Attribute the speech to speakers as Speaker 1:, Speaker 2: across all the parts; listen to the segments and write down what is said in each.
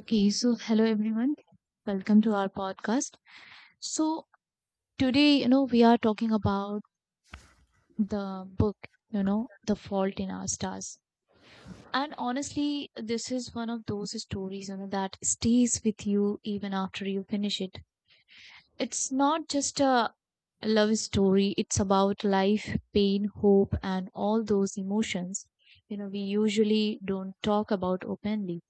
Speaker 1: Okay, so hello everyone. Welcome to our podcast. So today, we are talking about the book, The Fault in Our Stars. And honestly, this is one of those stories, that stays with you even after you finish it. It's not just a love story, it's about life, pain, hope, and all those emotions, we usually don't talk about openly.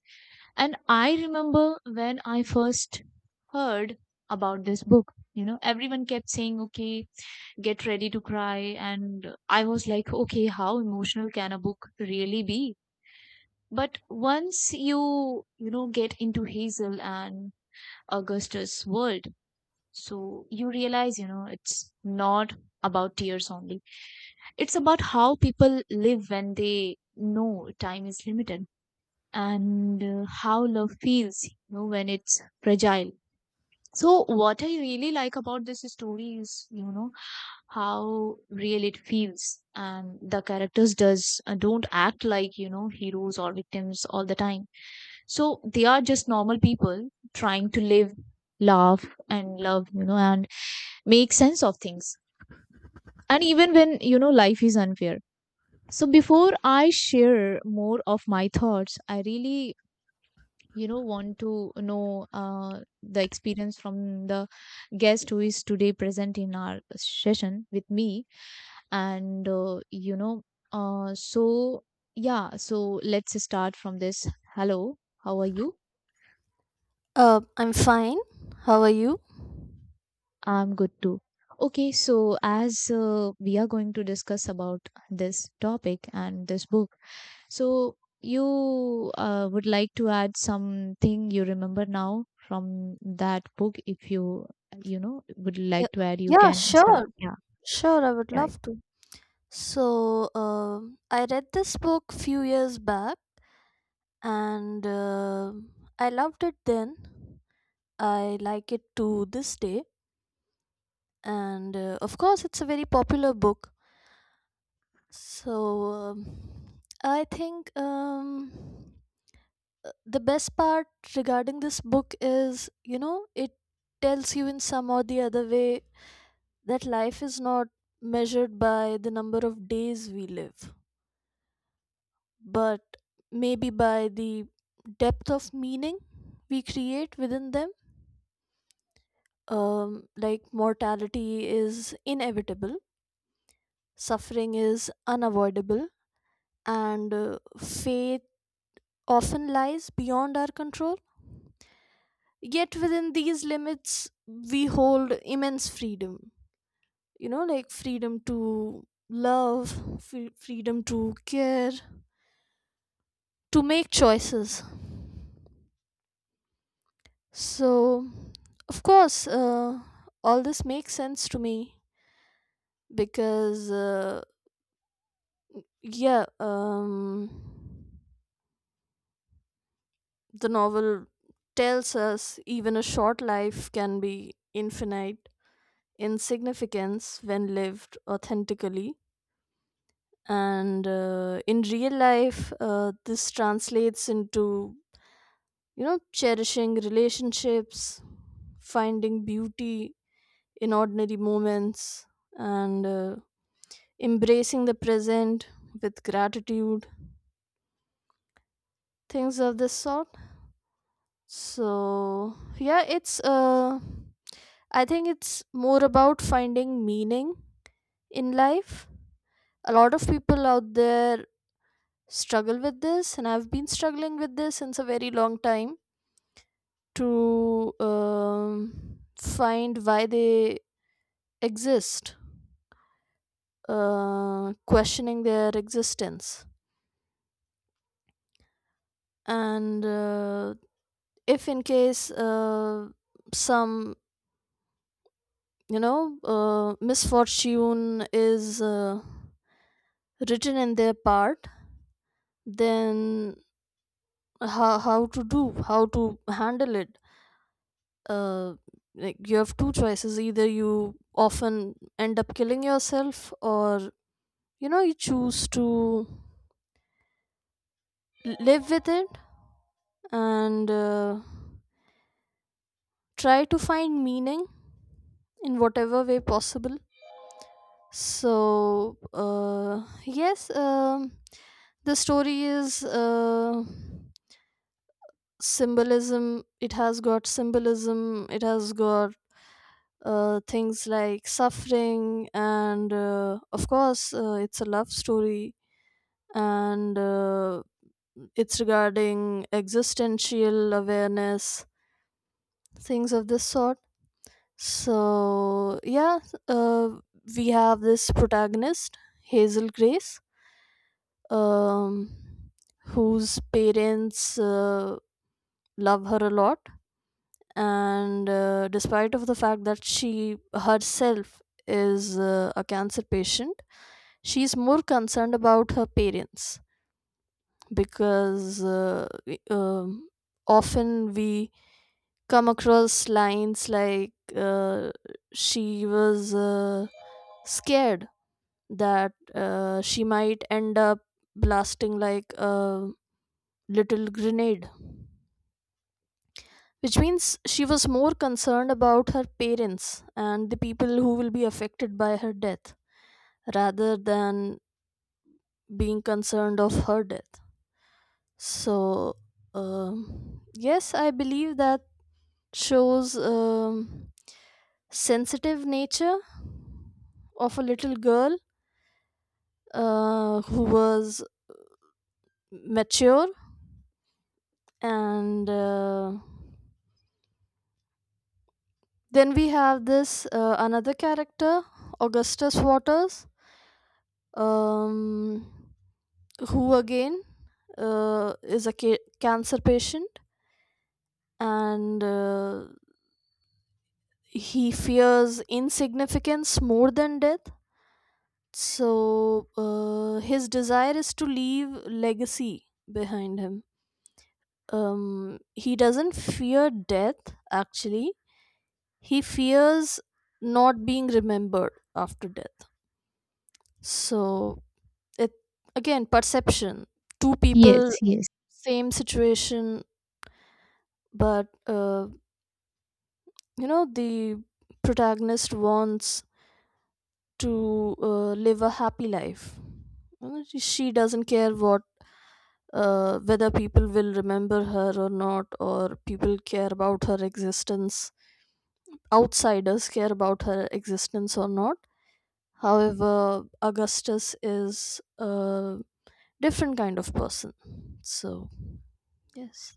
Speaker 1: And I remember when I first heard about this book, everyone kept saying, okay, get ready to cry. And I was like, okay, how emotional can a book really be? But once you get into Hazel and Augustus' world, so you realize, it's not about tears only. It's about how people live when they know time is limited and how love feels when it's fragile. So what I really like about this story is, how real it feels, and the characters does don't act like, heroes or victims all the time. So they are just normal people trying to live, laugh, and love, and make sense of things, and even when, life is unfair. So before I share more of my thoughts, I really, want to know the experience from the guest who is today present in our session with me. And uh, so yeah, so let's start from this. Hello, how are you?
Speaker 2: I'm fine. How are you?
Speaker 1: I'm good too. Okay, so as we are going to discuss about this topic and this book. So you would like to add something you remember now from that book. If you, you know would
Speaker 2: Yeah,
Speaker 1: like to add, you
Speaker 2: yeah,
Speaker 1: can start.
Speaker 2: sure.
Speaker 1: Yeah.
Speaker 2: Sure, I would
Speaker 1: Yeah.
Speaker 2: love to. So, I read this book few years back and I loved it then. I like it to this day. And of course, it's a very popular book. So, I think the best part regarding this book is, you know, it tells you in some or the other way that life is not measured by the number of days we live, but maybe by the depth of meaning we create within them. Like mortality is inevitable, suffering is unavoidable, and faith often lies beyond our control. Yet within these limits, we hold immense freedom. You know, like freedom to love, freedom to care, to make choices. So, of course, all this makes sense to me because, yeah, um, the novel tells us even a short life can be infinite in significance when lived authentically. And in real life, this translates into, you know, cherishing relationships, finding beauty in ordinary moments and embracing the present with gratitude, things of this sort. So yeah it's uh i think it's more about finding meaning in life. A lot of people out there struggle with this, and I've been struggling with this since a very long time, to find why they exist, questioning their existence. And if in case some, you know, misfortune is written in their part, then how to handle it. uh, like you have two choices: either you often end up killing yourself, or you know, you choose to live with it, and try to find meaning in whatever way possible. So, yes, the story is, symbolism. It has got symbolism, it has got things like suffering, and of course, it's a love story, and it's regarding existential awareness, things of this sort. So, yeah, uh, we have this protagonist, Hazel Grace, um, whose parents love her a lot, and despite of the fact that she herself is a cancer patient, she's more concerned about her parents because, often we come across lines like, she was scared that she might end up blasting like a little grenade, which means she was more concerned about her parents and the people who will be affected by her death rather than being concerned of her death. So, yes, I believe that shows sensitive nature of a little girl who was mature, and then we have this another character, Augustus Waters, um, who again is a cancer patient, and he fears insignificance more than death. So, his desire is to leave legacy behind him. He doesn't fear death actually. He fears not being remembered after death. So it, again, perception. Two people,
Speaker 1: Yes, yes.
Speaker 2: same situation, but you know, the protagonist wants to live a happy life. You know, she doesn't care what, whether people will remember her or not, or people care about her existence, outsiders care about her existence or not. However, Augustus is a different kind of person. So, yes.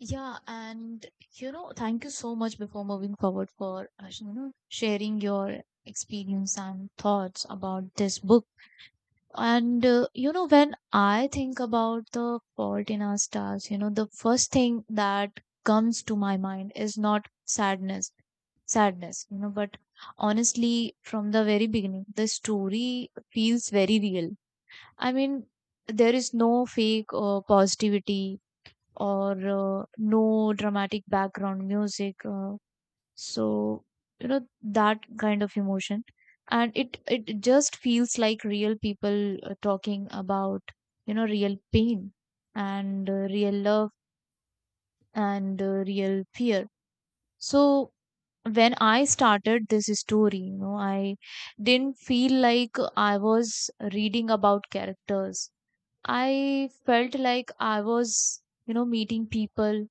Speaker 1: Yeah, and thank you so much before moving forward for sharing your experience and thoughts about this book. And when I think about The Fault in Our Stars, the first thing that comes to my mind is not sadness, but honestly, from the very beginning, the story feels very real. I mean, there is no fake positivity or no dramatic background music. So that kind of emotion, and it just feels like real people talking about, real pain, and real love, and real fear. So when I started this story, I didn't feel like I was reading about characters. I felt like I was, meeting people,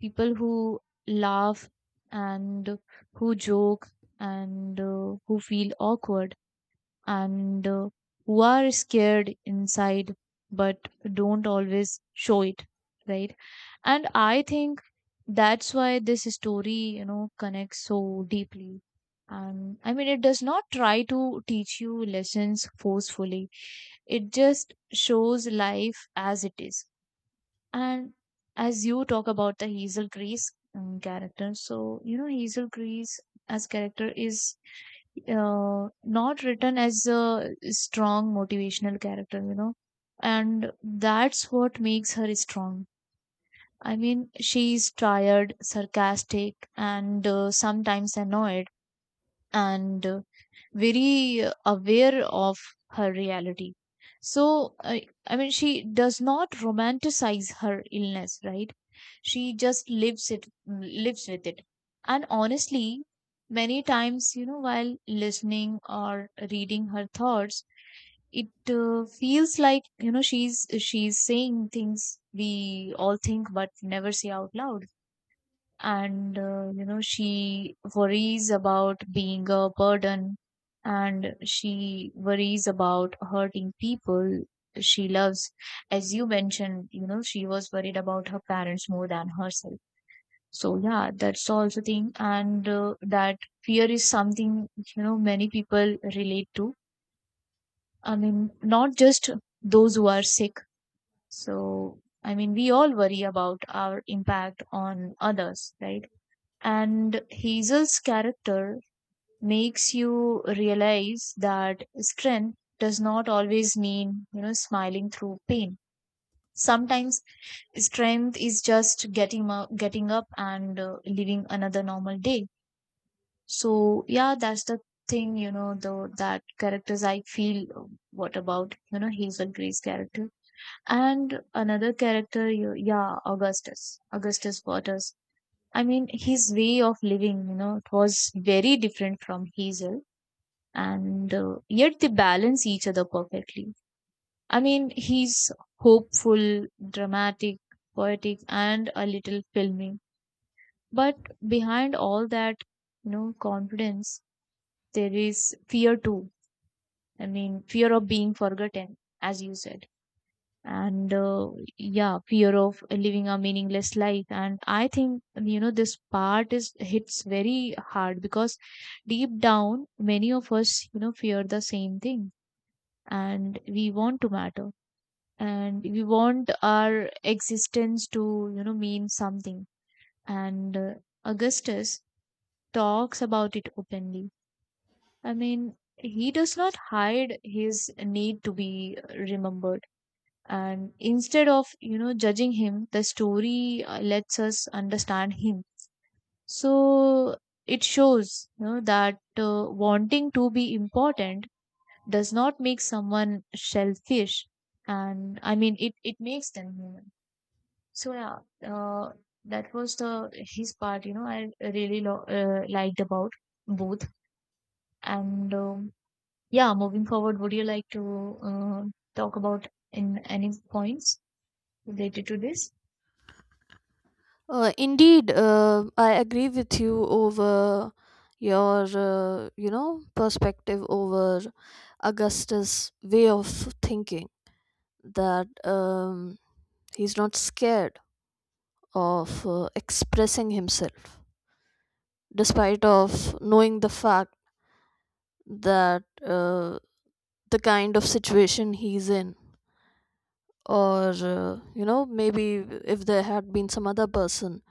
Speaker 1: people who laugh and who joke, and who feel awkward, and who are scared inside but don't always show it, right? And I think that's why this story, connects so deeply. And I mean, it does not try to teach you lessons forcefully. It just shows life as it is. And as you talk about the Hazel Grease character, so you know, Hazel Grease as character is not written as a strong motivational character, you know, and that's what makes her strong. I mean, she's tired, sarcastic, and sometimes annoyed, and very aware of her reality. So, I mean, she does not romanticize her illness, right? She just lives it, lives with it. And honestly, many times, while listening or reading her thoughts, it feels like, she's saying things we all think but never say out loud. And you know, she worries about being a burden, and she worries about hurting people she loves. As you mentioned, you know, she was worried about her parents more than herself. So yeah, that's also thing. And that fear is something, you know, many people relate to. I mean, not just those who are sick. So I mean, we all worry about our impact on others, right? And Hazel's character makes you realize that strength does not always mean, you know, smiling through pain. Sometimes strength is just getting up and living another normal day. So yeah, that's the thing, you know, the that characters I feel what about, you know, Hazel Gray's character. And another character, yeah, Augustus. Augustus Waters. I mean, his way of living, you know, it was very different from Hazel, and yet they balance each other perfectly. I mean, he's hopeful, dramatic, poetic, and a little filmy. But behind all that, you know, confidence, there is fear too. I mean, fear of being forgotten, as you said. And yeah, fear of living a meaningless life. And I think, you know, this part is hits very hard because deep down many of us, you know, fear the same thing. And we want to matter, and we want our existence to, you know, mean something. And Augustus talks about it openly. I mean, he does not hide his need to be remembered. And instead of, you know, judging him, the story lets us understand him. So it shows, you know, that wanting to be important does not make someone selfish, and I mean, it makes them human. So yeah, uh, that was the his part, you know, I really liked about both. And yeah, moving forward, would you like to talk about in any points related to this.
Speaker 2: Indeed, I agree with you over your, you know, perspective over Augustus' way of thinking, that he's not scared of expressing himself, despite of knowing the fact that, the kind of situation he's in, or, you know, maybe if there had been some other person,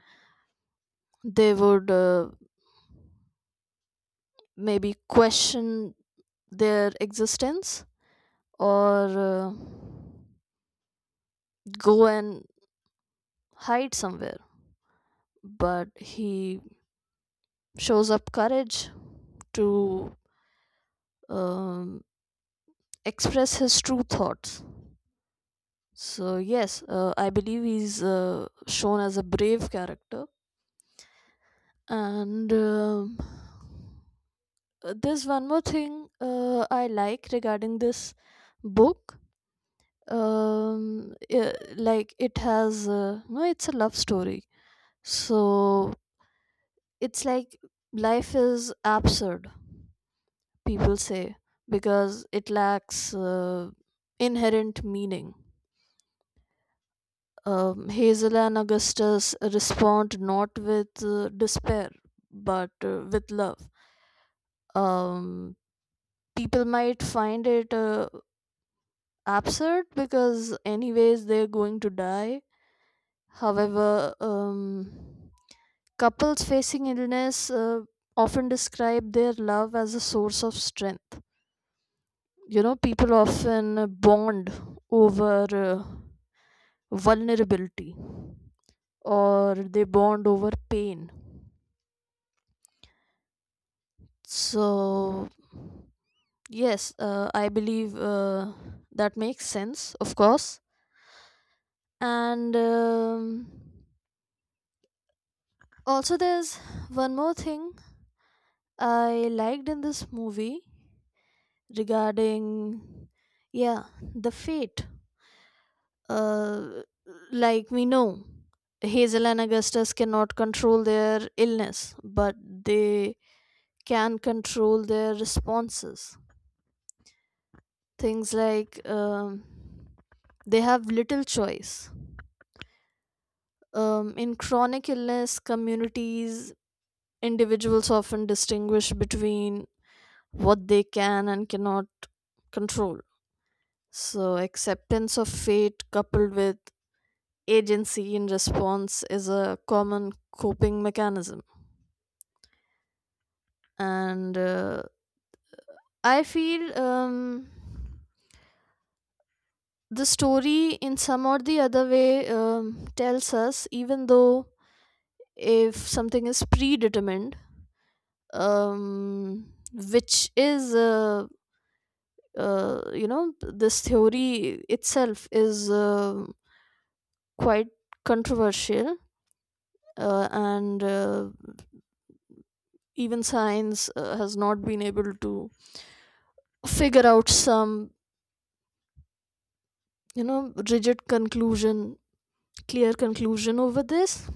Speaker 2: they would maybe question their existence, or go and hide somewhere. But he shows up courage to um, express his true thoughts. So, yes, I believe he's shown as a brave character. And there's one more thing I like regarding this book. Like it has, no, it's a love story. So it's like life is absurd, people say, because it lacks inherent meaning. Hazel and Augustus respond not with despair, but with love. um, People might find it absurd because anyways they're going to die. However, couples facing illness often describe their love as a source of strength. You know, people often bond over vulnerability, or they bond over pain. So, yes, I believe that makes sense, of course. And also, there's one more thing I liked in this movie regarding, yeah, the fate. Uh, like we know, Hazel and Augustus cannot control their illness, but they can control their responses. Things like, they have little choice. In chronic illness communities, individuals often distinguish between what they can and cannot control. So, acceptance of fate coupled with agency in response is a common coping mechanism. And I feel the story, in some or the other way, tells us even though if something is predetermined, um, which is you know, this theory itself is quite controversial, and even science has not been able to figure out some, you know, rigid conclusion, clear conclusion over this.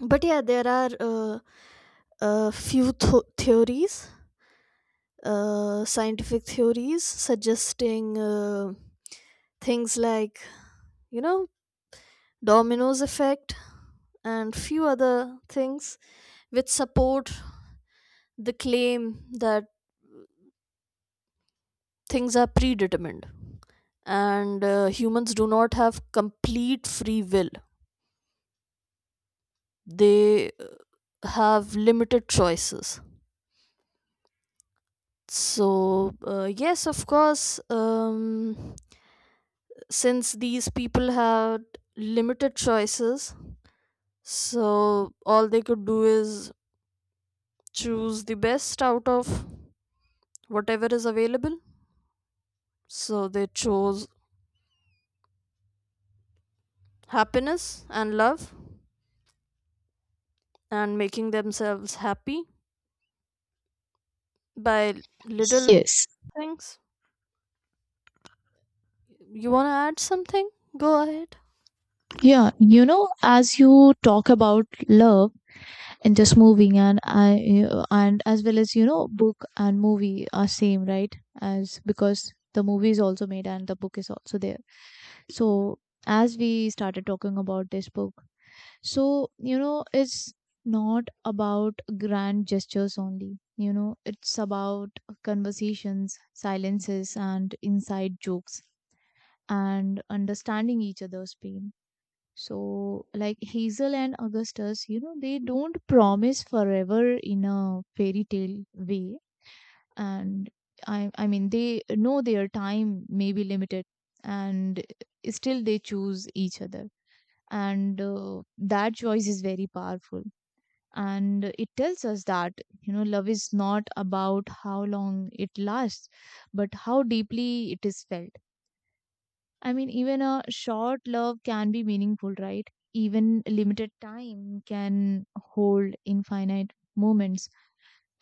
Speaker 2: But yeah, there are a few theories, scientific theories suggesting things like, you know, dominoes effect and few other things which support the claim that things are predetermined, and humans do not have complete free will. They have limited choices. So, yes, of course, since these people had limited choices, so all they could do is choose the best out of whatever is available. So they chose happiness and love, and making themselves happy by little
Speaker 1: Yes.
Speaker 2: things. You want to add something? Go ahead.
Speaker 1: Yeah, you know, as you talk about love in this movie, and I, and as well as, you know, book and movie are same, right? As because the movie is also made and the book is also there. So as we started talking about this book, so you know, it's not about grand gestures only. You know, it's about conversations, silences, and inside jokes, and understanding each other's pain. So, like Hazel and Augustus, you know, they don't promise forever in a fairy tale way. And I mean, they know their time may be limited, and still they choose each other. And that choice is very powerful. And it tells us that, you know, love is not about how long it lasts, but how deeply it is felt. I mean, even a short love can be meaningful, right? Even limited time can hold infinite moments.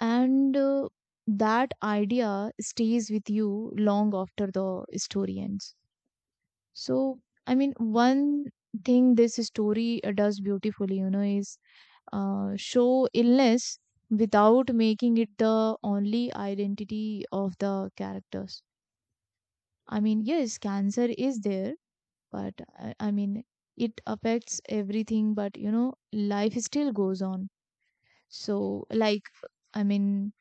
Speaker 1: And that idea stays with you long after the story ends. So, I mean, one thing this story does beautifully, you know, is show illness without making it the only identity of the characters. I mean, yes, cancer is there, but I mean, it affects everything, but you know, life still goes on. So like, I mean,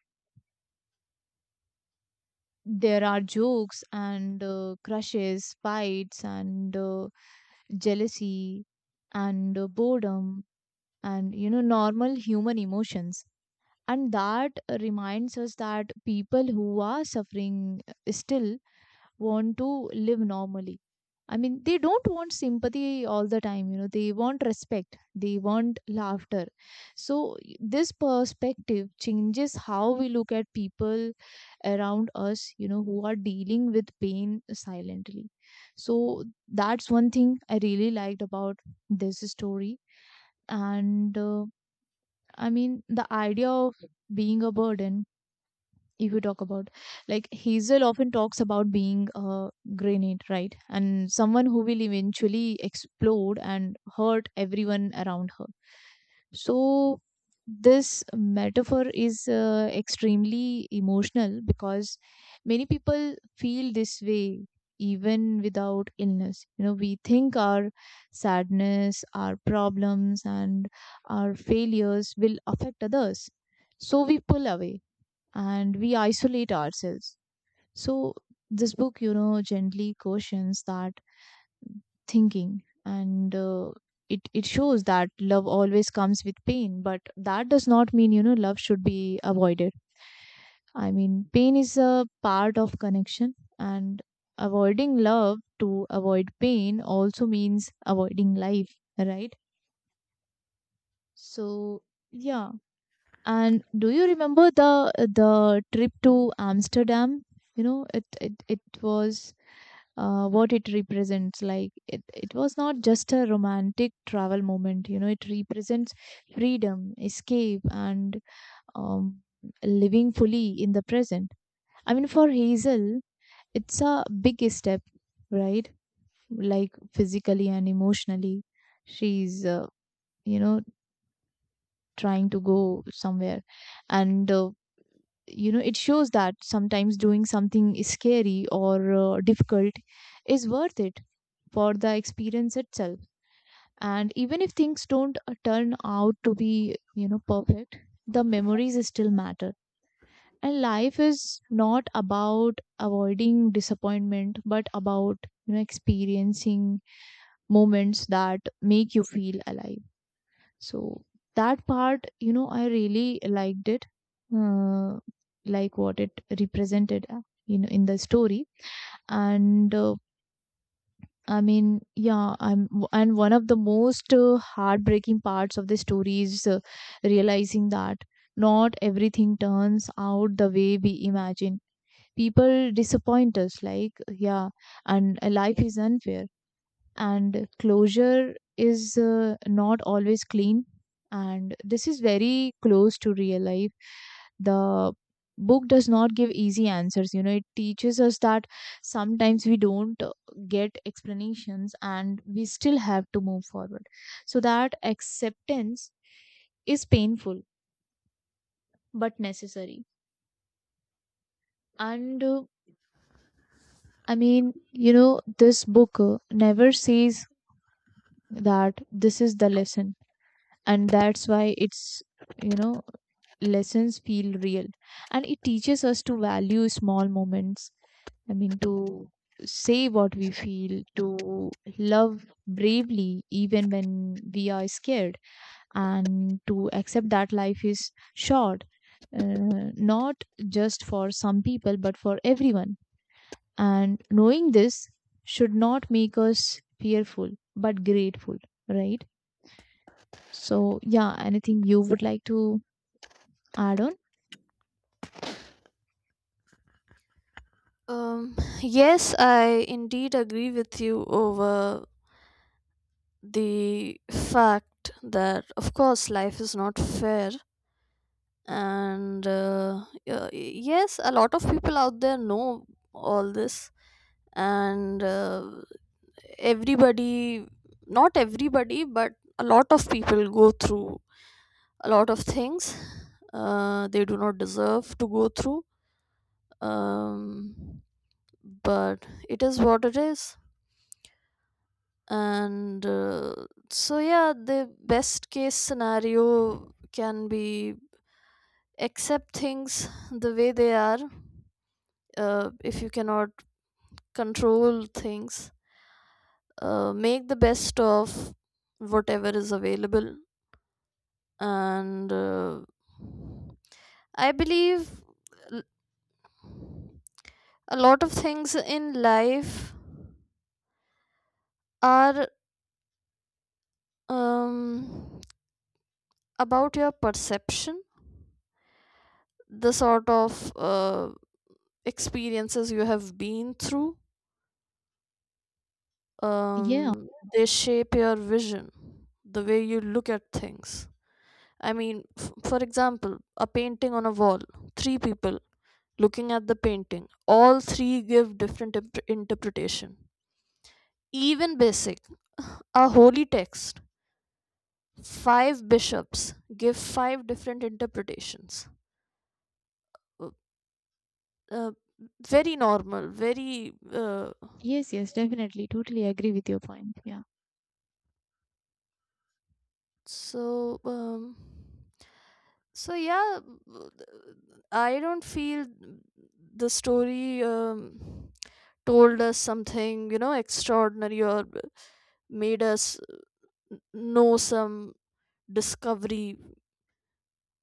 Speaker 1: there are jokes, and crushes, fights, and jealousy, and boredom, and you know, normal human emotions. And that reminds us that people who are suffering still want to live normally. I mean, they don't want sympathy all the time. You know, they want respect, they want laughter. So this perspective changes how we look at people around us, you know, who are dealing with pain silently. So that's one thing I really liked about this story. And I mean, the idea of being a burden, if you talk about, like Hazel often talks about being a grenade, right? And someone who will eventually explode and hurt everyone around her. So this metaphor is extremely emotional, because many people feel this way even without illness. You know, we think our sadness, our problems, and our failures will affect others. So we pull away, and we isolate ourselves. So this book, you know, gently cautions that thinking. And it shows that love always comes with pain, but that does not mean, you know, love should be avoided. I mean, pain is a part of connection, and avoiding love to avoid pain also means avoiding life, right? So, yeah, and do you remember the trip to Amsterdam? You know, it was what it represents. Like it was not just a romantic travel moment. You know, it represents freedom, escape, and um, living fully in the present. I mean, for Hazel, it's a big step, right? Like physically and emotionally, she's you know, trying to go somewhere. And you know, it shows that sometimes doing something is scary or difficult is worth it for the experience itself. And even if things don't turn out to be, you know, perfect, the memories still matter. And life is not about avoiding disappointment, but about, you know, experiencing moments that make you feel alive. So that part, you know, I really liked it, uh, like what it represented, you know, in the story. And I mean, yeah, and one of the most heartbreaking parts of the story is realizing that not everything turns out the way we imagine. People disappoint us, like, yeah, and life is unfair and closure is not always clean, and this is very close to real life. The book does not give easy answers. You know, it teaches us that sometimes we don't get explanations and we still have to move forward. So that acceptance is painful but necessary. And I mean, you know, this book never says that this is the lesson, and that's why it's, you know, lessons feel real. And it teaches us to value small moments. I mean, to say what we feel, to love bravely even when we are scared, and to accept that life is short, not just for some people but for everyone. And knowing this should not make us fearful but grateful, right? So yeah, anything you would like to, Aaron?
Speaker 2: Yes, I indeed agree with you over the fact that, of course, life is not fair, and yes, a lot of people out there know all this, and everybody, not everybody, but a lot of people go through a lot of things they do not deserve to go through. um, but it is what it is. And so yeah, the best case scenario can be accept things the way they are. If you cannot control things, make the best of whatever is available. And I believe, l- a lot of things in life are, um, about your perception, the sort of uh, experiences you have been through.
Speaker 1: Yeah.
Speaker 2: um, they shape your vision, the way you look at things. I mean, for example, a painting on a wall, three people looking at the painting, all three give different interpretation. Even basic, a holy text, five bishops give five different interpretations. Uh, uh, Very normal, very
Speaker 1: Yes, yes, definitely. Totally agree with your point. Yeah.
Speaker 2: so, so yeah, w- I don't feel the story told us something, you know, extraordinary, or made us know some discovery,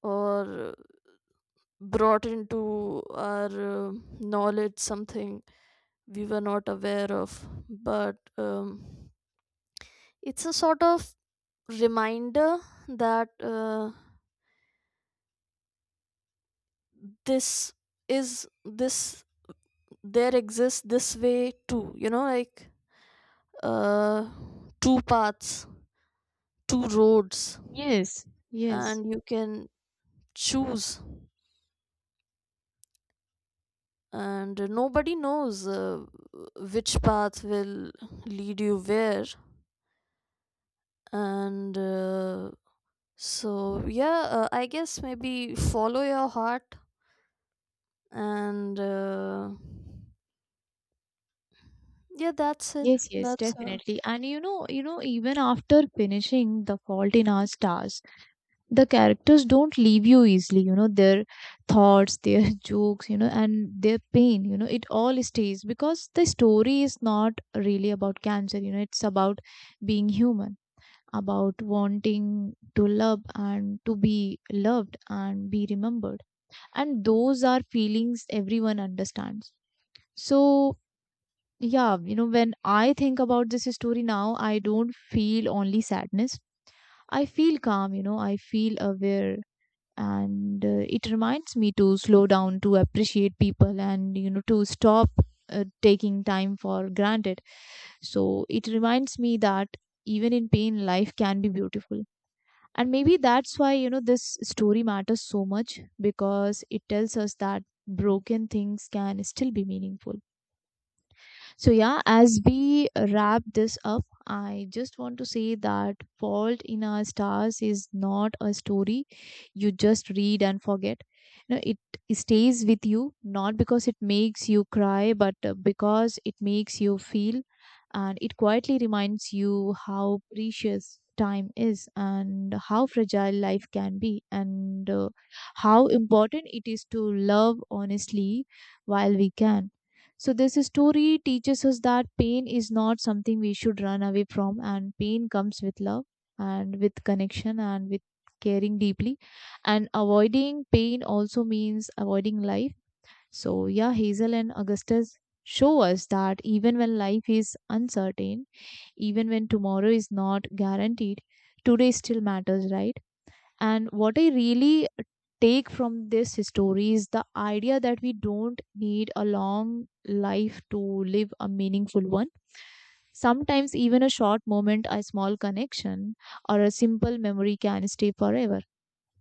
Speaker 2: or brought into our knowledge something we were not aware of. But it's a sort of reminder that, this is this there exists this way too, you know, like, uh two paths, two roads,
Speaker 1: Yes, yes.
Speaker 2: and you can choose, and nobody knows which path will lead you where. And so yeah, I guess maybe follow your heart, and yeah, that's it.
Speaker 1: Yes, yes,
Speaker 2: That's
Speaker 1: definitely. And you know, even after finishing The Fault in Our Stars, the characters don't leave you easily. You know, their thoughts, their jokes, you know, and their pain, you know, it all stays, because the story is not really about cancer. You know, it's about being human, about wanting to love and to be loved and be remembered, and those are feelings everyone understands. So yeah, you know, when I think about this story now, I don't feel only sadness. I feel calm, you know, I feel aware, and it reminds me to slow down, to appreciate people, and you know, to stop taking time for granted. So it reminds me that even in pain life can be beautiful. And maybe that's why, you know, this story matters so much, because it tells us that broken things can still be meaningful. So, yeah, as we wrap this up, I just want to say that Fault in Our Stars is not a story you just read and forget. You know, it stays with you not because it makes you cry, but because it makes you feel. And it quietly reminds you how precious time is and how fragile life can be, and how important it is to love honestly while we can. So this story teaches us that pain is not something we should run away from, and pain comes with love and with connection and with caring deeply. And avoiding pain also means avoiding life. So yeah, Hazel and Augustus show us that even when life is uncertain, even when tomorrow is not guaranteed, today still matters, right? And what I really take from this story is the idea that we don't need a long life to live a meaningful one. Sometimes, even a short moment, a small connection, or a simple memory can stay forever.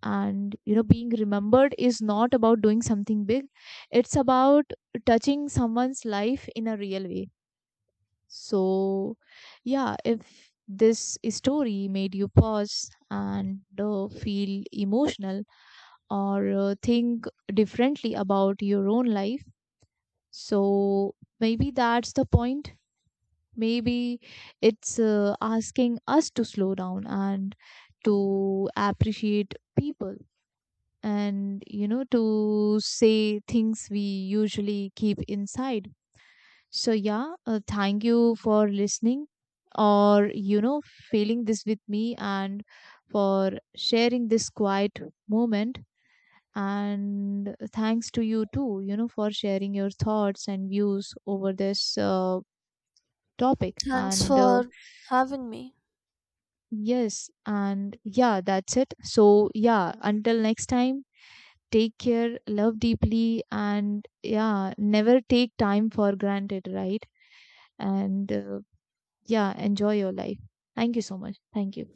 Speaker 1: And you know, being remembered is not about doing something big, it's about touching someone's life in a real way. So, yeah, if this story made you pause and feel emotional or think differently about your own life. So maybe that's the point. Maybe it's asking us to slow down and to appreciate people and you know, to say things we usually keep inside. So yeah, thank you for listening, or you know, feeling this with me, and for sharing this quiet moment. And thanks to you too, you know, for sharing your thoughts and views over this topic,
Speaker 2: Thanks
Speaker 1: and
Speaker 2: for having me.
Speaker 1: yes, and yeah, that's it. So yeah, until next time, take care, love deeply, and yeah, never take time for granted, right? and yeah, enjoy your life. Thank you so much. Thank you.